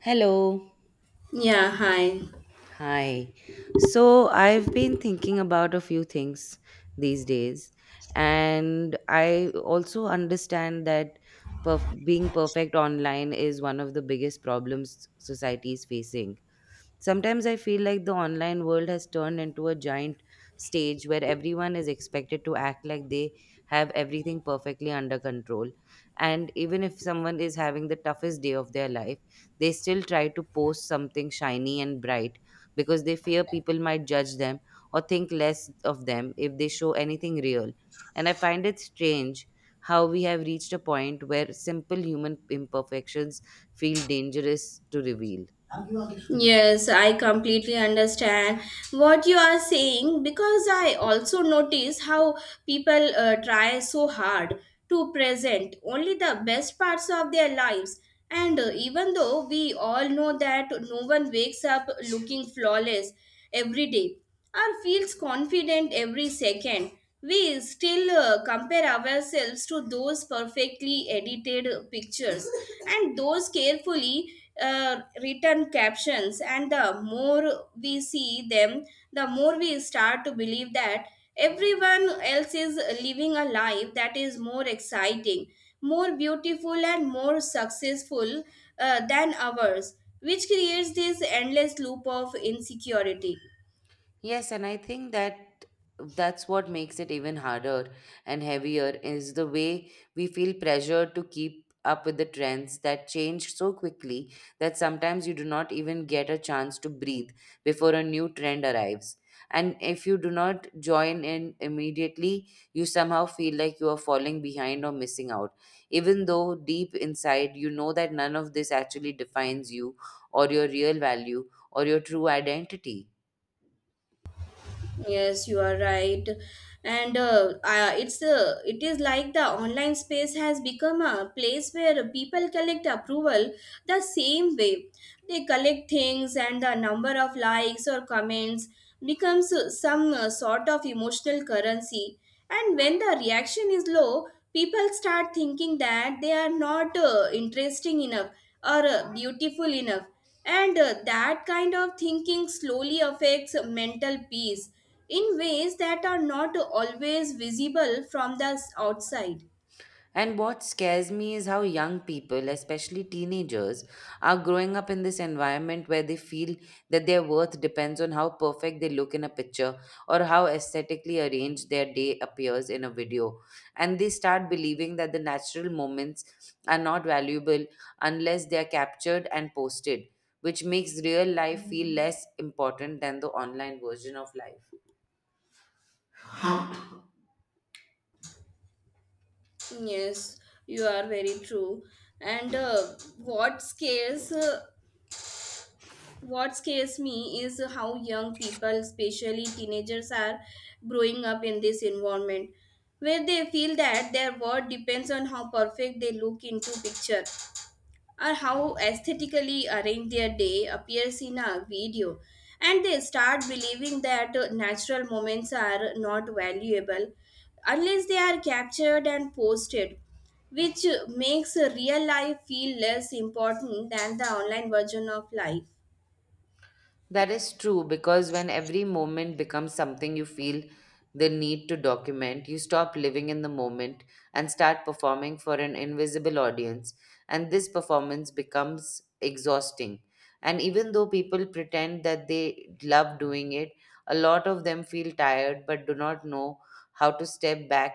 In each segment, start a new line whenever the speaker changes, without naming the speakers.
Hello.
Yeah, hi.
Hi. So I've been thinking about a few things these days, and I also understand that being perfect online is one of the biggest problems society is facing. Sometimes I feel like the online world has turned into a giant stage where everyone is expected to act like they have everything perfectly under control. And even if someone is having the toughest day of their life, they still try to post something shiny and bright because they fear people might judge them or think less of them if they show anything real. And I find it strange how we have reached a point where simple human imperfections feel dangerous to reveal.
Yes, I completely understand what you are saying because I also notice how people try so hard to present only the best parts of their lives. And even though we all know that no one wakes up looking flawless every day or feels confident every second, we still compare ourselves to those perfectly edited pictures and those carefully written captions, and the more we see them, the more we start to believe that everyone else is living a life that is more exciting, more beautiful, and more successful than ours, which creates this endless loop of insecurity.
Yes, and I think that that's what makes it even harder and heavier is the way we feel pressured to keep up with the trends that change so quickly that sometimes you do not even get a chance to breathe before a new trend arrives. And if you do not join in immediately, you somehow feel like you are falling behind or missing out, even though deep inside you know that none of this actually defines you or your real value or your true identity.
Yes, you are right. And it is like the online space has become a place where people collect approval the same way. They collect things, and the number of likes or comments becomes some sort of emotional currency. And when the reaction is low, people start thinking that they are not interesting enough or beautiful enough. And that kind of thinking slowly affects mental peace in ways that are not always visible from the outside.
And what scares me is how young people, especially teenagers, are growing up in this environment where they feel that their worth depends on how perfect they look in a picture or how aesthetically arranged their day appears in a video. And they start believing that the natural moments are not valuable unless they are captured and posted, which makes real life feel less important than the online version of life.
Yes, you are very true. And what scares me is how young people, especially teenagers, are growing up in this environment where they feel that their worth depends on how perfect they look into picture or how aesthetically arranged their day appears in a video, and they start believing that natural moments are not valuable unless they are captured and posted, which makes real life feel less important than the online version of life.
That is true because when every moment becomes something you feel the need to document, you stop living in the moment and start performing for an invisible audience. And this performance becomes exhausting. And even though people pretend that they love doing it, a lot of them feel tired but do not know how to step back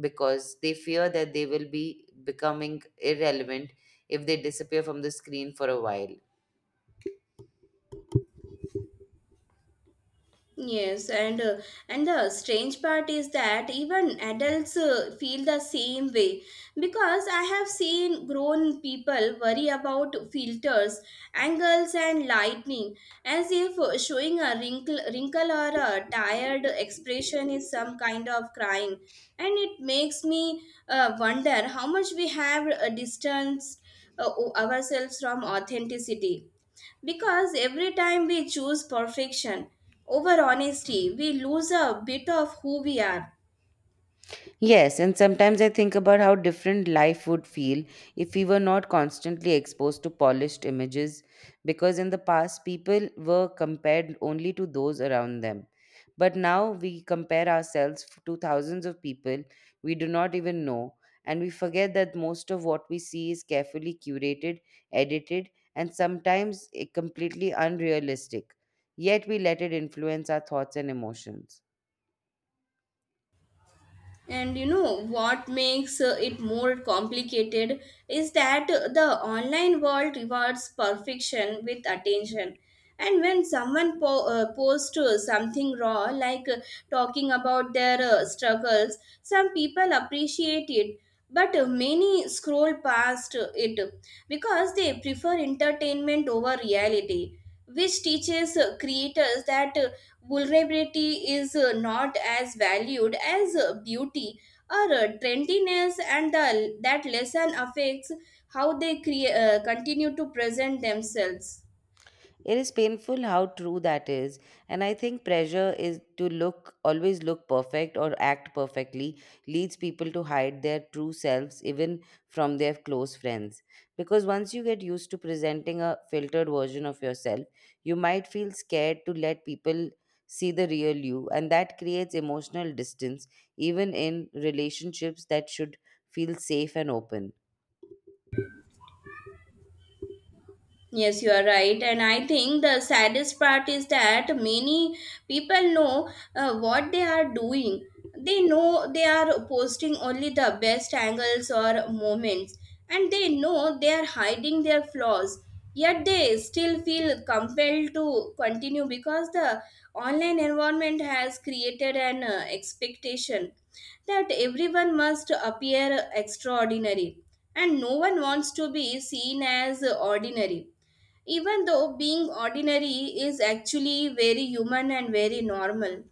because they fear that they will be becoming irrelevant if they disappear from the screen for a while.
Yes, and the strange part is that even adults feel the same way because I have seen grown people worry about filters, angles, and lightning as if showing a wrinkle or a tired expression is some kind of crime, and it makes me wonder how much we have distanced uh, ourselves from authenticity. Because every time we choose perfection over honesty, we lose a bit of who we are.
Yes, and sometimes I think about how different life would feel if we were not constantly exposed to polished images, because in the past, people were compared only to those around them. But now we compare ourselves to thousands of people we do not even know, and we forget that most of what we see is carefully curated, edited, and sometimes completely unrealistic. Yet we let it influence our thoughts and emotions.
And you know what makes it more complicated is that the online world rewards perfection with attention. And when someone posts something raw, like talking about their struggles, some people appreciate it, but many scroll past it because they prefer entertainment over reality, which teaches creators that vulnerability is not as valued as beauty or trendiness, and that lesson affects how they continue to present themselves.
It is painful how true that is. And I think pressure is to look, always look perfect or act perfectly, leads people to hide their true selves even from their close friends. Because once you get used to presenting a filtered version of yourself, you might feel scared to let people see the real you. And that creates emotional distance, even in relationships that should feel safe and open.
Yes, you are right. And I think the saddest part is that many people know what they are doing. They know they are posting only the best angles or moments, and they know they are hiding their flaws. Yet they still feel compelled to continue because the online environment has created an expectation that everyone must appear extraordinary, and no one wants to be seen as ordinary, even though being ordinary is actually very human and very normal.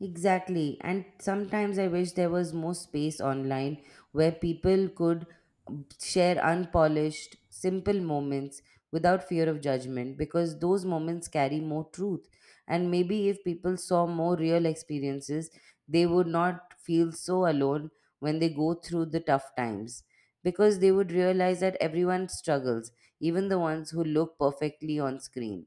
Exactly. And sometimes I wish there was more space online where people could share unpolished, simple moments without fear of judgment because those moments carry more truth. And maybe if people saw more real experiences, they would not feel so alone when they go through the tough times because they would realize that everyone struggles, even the ones who look perfectly on screen.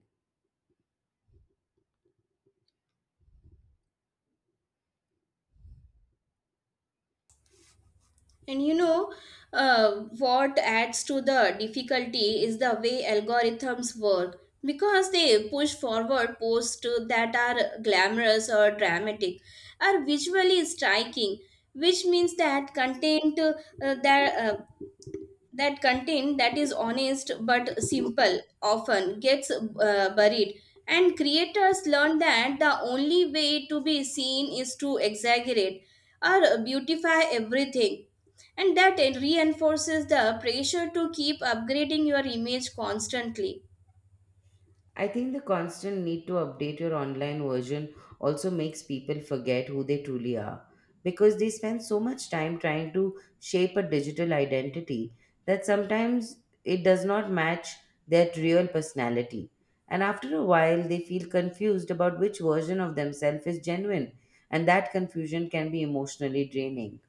And you know, uh, what adds to the difficulty is the way algorithms work because they push forward posts that are glamorous or dramatic or visually striking, which means that that uh, content that is honest but simple often gets buried, and creators learn that the only way to be seen is to exaggerate or beautify everything, and that it reinforces the pressure to keep upgrading your image constantly.
I think the constant need to update your online version also makes people forget who they truly are because they spend so much time trying to shape a digital identity that sometimes it does not match their real personality. And after a while, they feel confused about which version of themselves is genuine, and that confusion can be emotionally draining.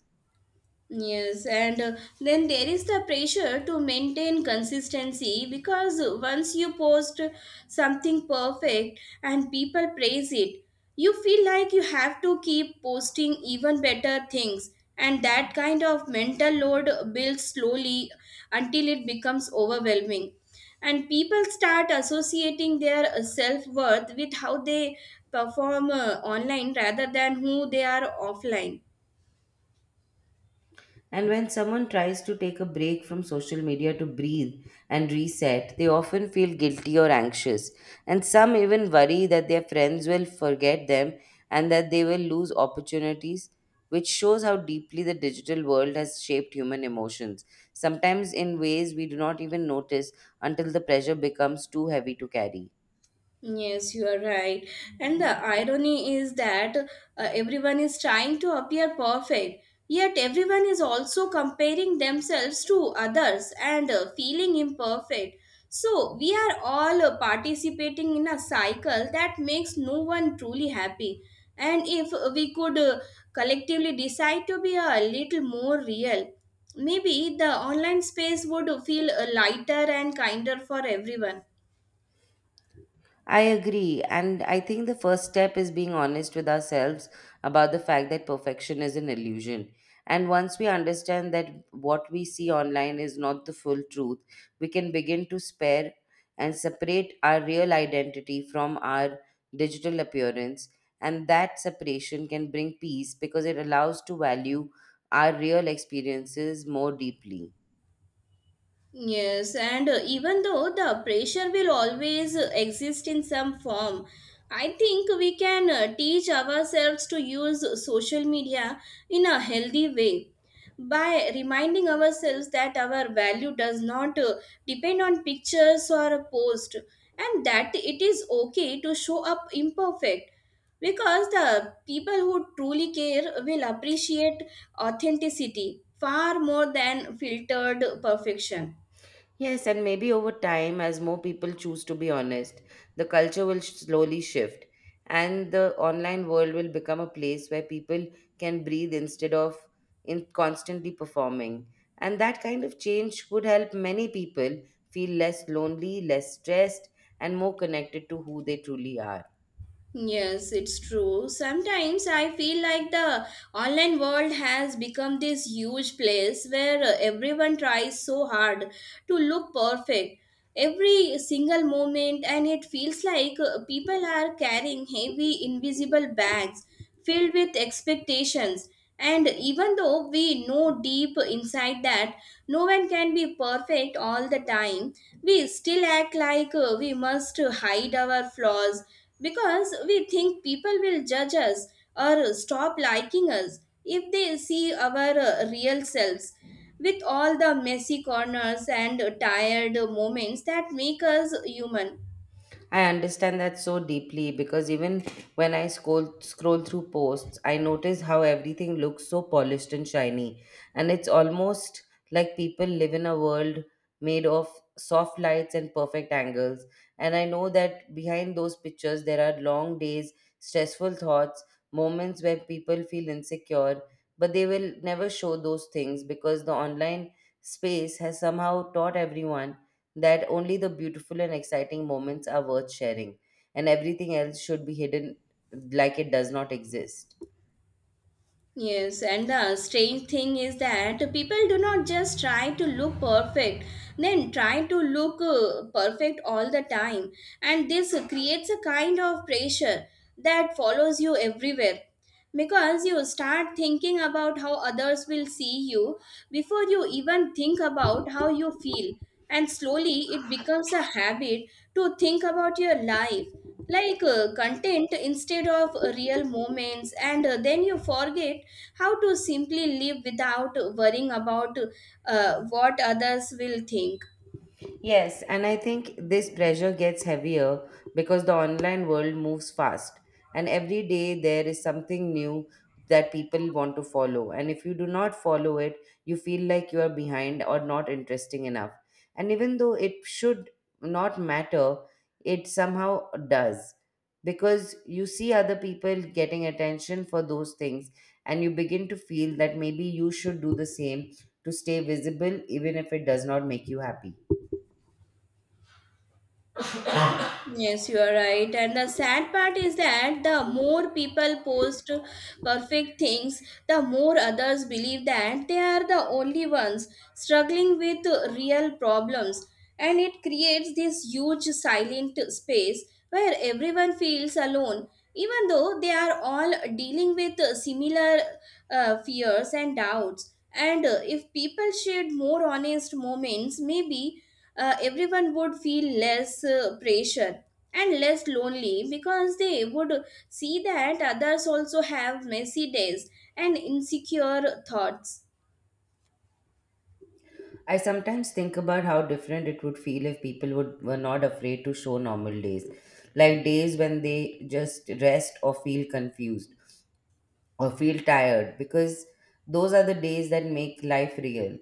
Yes, and then there is the pressure to maintain consistency because once you post something perfect and people praise it, you feel like you have to keep posting even better things, and that kind of mental load builds slowly until it becomes overwhelming. And people start associating their self worth with how they perform online rather than who they are offline.
And when someone tries to take a break from social media to breathe and reset, they often feel guilty or anxious. And some even worry that their friends will forget them and that they will lose opportunities, which shows how deeply the digital world has shaped human emotions, sometimes in ways we do not even notice until the pressure becomes too heavy to carry.
Yes, you are right. And the irony is that everyone is trying to appear perfect, yet everyone is also comparing themselves to others and feeling imperfect. So we are all participating in a cycle that makes no one truly happy. And if we could collectively decide to be a little more real, maybe the online space would feel lighter and kinder for everyone.
I agree. And I think the first step is being honest with ourselves about the fact that perfection is an illusion. And once we understand that what we see online is not the full truth, we can begin to spare and separate our real identity from our digital appearance. And that separation can bring peace because it allows to value our real experiences more deeply.
Yes, and even though the pressure will always exist in some form, I think we can teach ourselves to use social media in a healthy way by reminding ourselves that our value does not depend on pictures or a post, and that it is okay to show up imperfect because the people who truly care will appreciate authenticity far more than filtered perfection.
Yes, and maybe over time, as more people choose to be honest, the culture will slowly shift, and the online world will become a place where people can breathe instead of in constantly performing. And that kind of change would help many people feel less lonely, less stressed, and more connected to who they truly are.
Yes, it's true. Sometimes I feel like the online world has become this huge place where everyone tries so hard to look perfect every single moment, and it feels like people are carrying heavy, invisible bags filled with expectations. And even though we know deep inside that no one can be perfect all the time, we still act like we must hide our flaws because we think people will judge us or stop liking us if they see our real selves. With all the messy corners and tired moments that make us human.
I understand that so deeply because even when I scroll through posts, I notice how everything looks so polished and shiny, and it's almost like people live in a world made of soft lights and perfect angles. And I know that behind those pictures there are long days, stressful thoughts, moments where people feel insecure, but they will never show those things because the online space has somehow taught everyone that only the beautiful and exciting moments are worth sharing, and everything else should be hidden like it does not exist.
Yes, and the strange thing is that people do not just try to look perfect, then try to look perfect all the time. And this creates a kind of pressure that follows you everywhere. Because you start thinking about how others will see you before you even think about how you feel. And slowly it becomes a habit to think about your life like content instead of real moments, and then you forget how to simply live without worrying about what others will think.
Yes, and I think this pressure gets heavier because the online world moves fast, and every day there is something new that people want to follow. And if you do not follow it, you feel like you are behind or not interesting enough. And even though it should not matter, it somehow does because you see other people getting attention for those things, and you begin to feel that maybe you should do the same to stay visible, even if it does not make you happy.
Yes, you are right. And the sad part is that the more people post perfect things, the more others believe that they are the only ones struggling with real problems. And it creates this huge silent space where everyone feels alone, even though they are all dealing with similar fears and doubts. And if people shared more honest moments, maybe everyone would feel less pressure and less lonely because they would see that others also have messy days and insecure thoughts.
I sometimes think about how different it would feel if people would were not afraid to show normal days, like days when they just rest or feel confused or feel tired, because those are the days that make life real.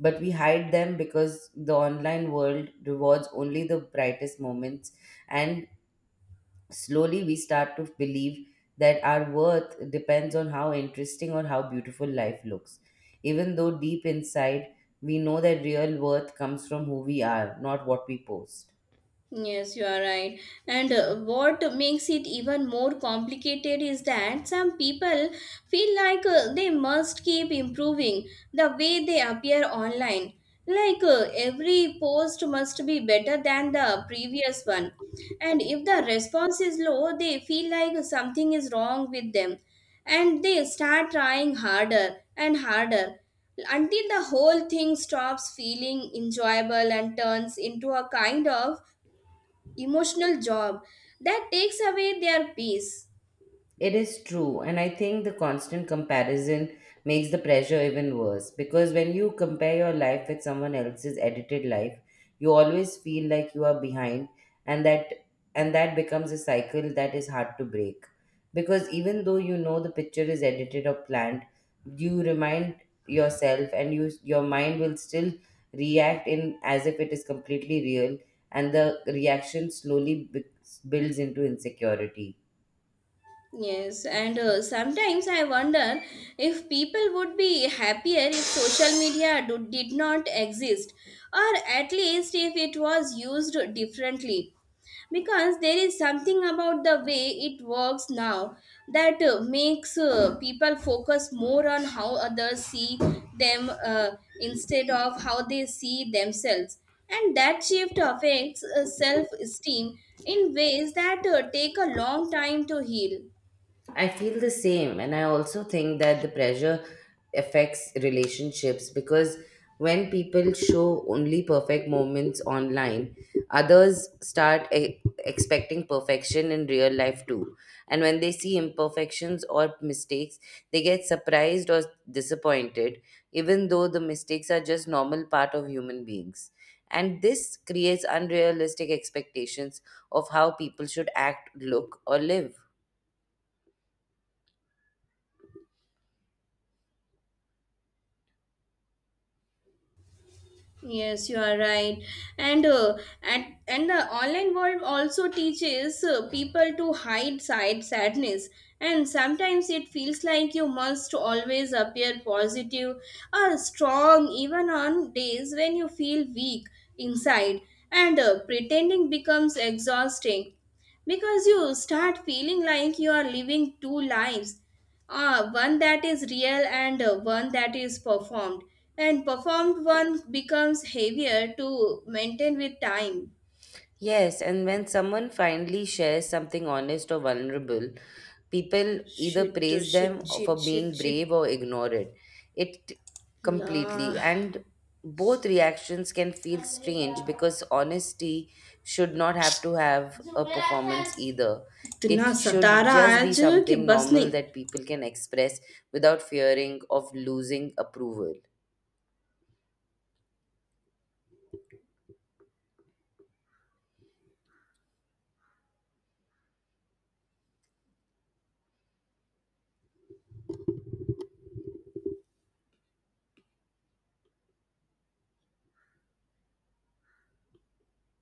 But we hide them because the online world rewards only the brightest moments, and slowly we start to believe that our worth depends on how interesting or how beautiful life looks, even though deep inside we know that real worth comes from who we are, not what we post.
Yes, you are right. And what makes it even more complicated is that some people feel like they must keep improving the way they appear online. Like every post must be better than the previous one. And if the response is low, they feel like something is wrong with them. And they start trying harder and harder until the whole thing stops feeling enjoyable and turns into a kind of emotional job that takes away their peace.
It is true, and I think the constant comparison makes the pressure even worse because when you compare your life with someone else's edited life, you always feel like you are behind, and that and that becomes a cycle that is hard to break. Because even though you know the picture is edited or planned, you remind you your mind will still react in as if it is completely real, and the reaction slowly builds into insecurity.
Yes, and sometimes I wonder if people would be happier if social media did not exist, or at least if it was used differently. Because there is something about the way it works now that makes people focus more on how others see them instead of how they see themselves, and that shift affects self-esteem in ways that take a long time to heal.
I feel the same. And I also think that the pressure affects relationships because when people show only perfect moments online, others start expecting perfection in real life too. And when they see imperfections or mistakes, they get surprised or disappointed, even though the mistakes are just normal part of human beings. And this creates unrealistic expectations of how people should act, look, or live.
Yes, you are right. And the online world also teaches people to hide side sadness. And sometimes it feels like you must always appear positive or strong, even on days when you feel weak inside. And pretending becomes exhausting because you start feeling like you are living two lives. Ah, one that is real and one that is performed. And performed one becomes heavier to maintain with time.
Yes, and when someone finally shares something honest or vulnerable, people either
Shit, uh,
praise
shit,
them
shit,
for
shit,
being
shit.
brave or ignore it. It
La,
completely. And both reactions can feel strange because honesty should not have to have a performance either.
इतना
It should
Satara
just be
आज कि
something
बस
normal
नहीं
that people can express without fearing of losing approval.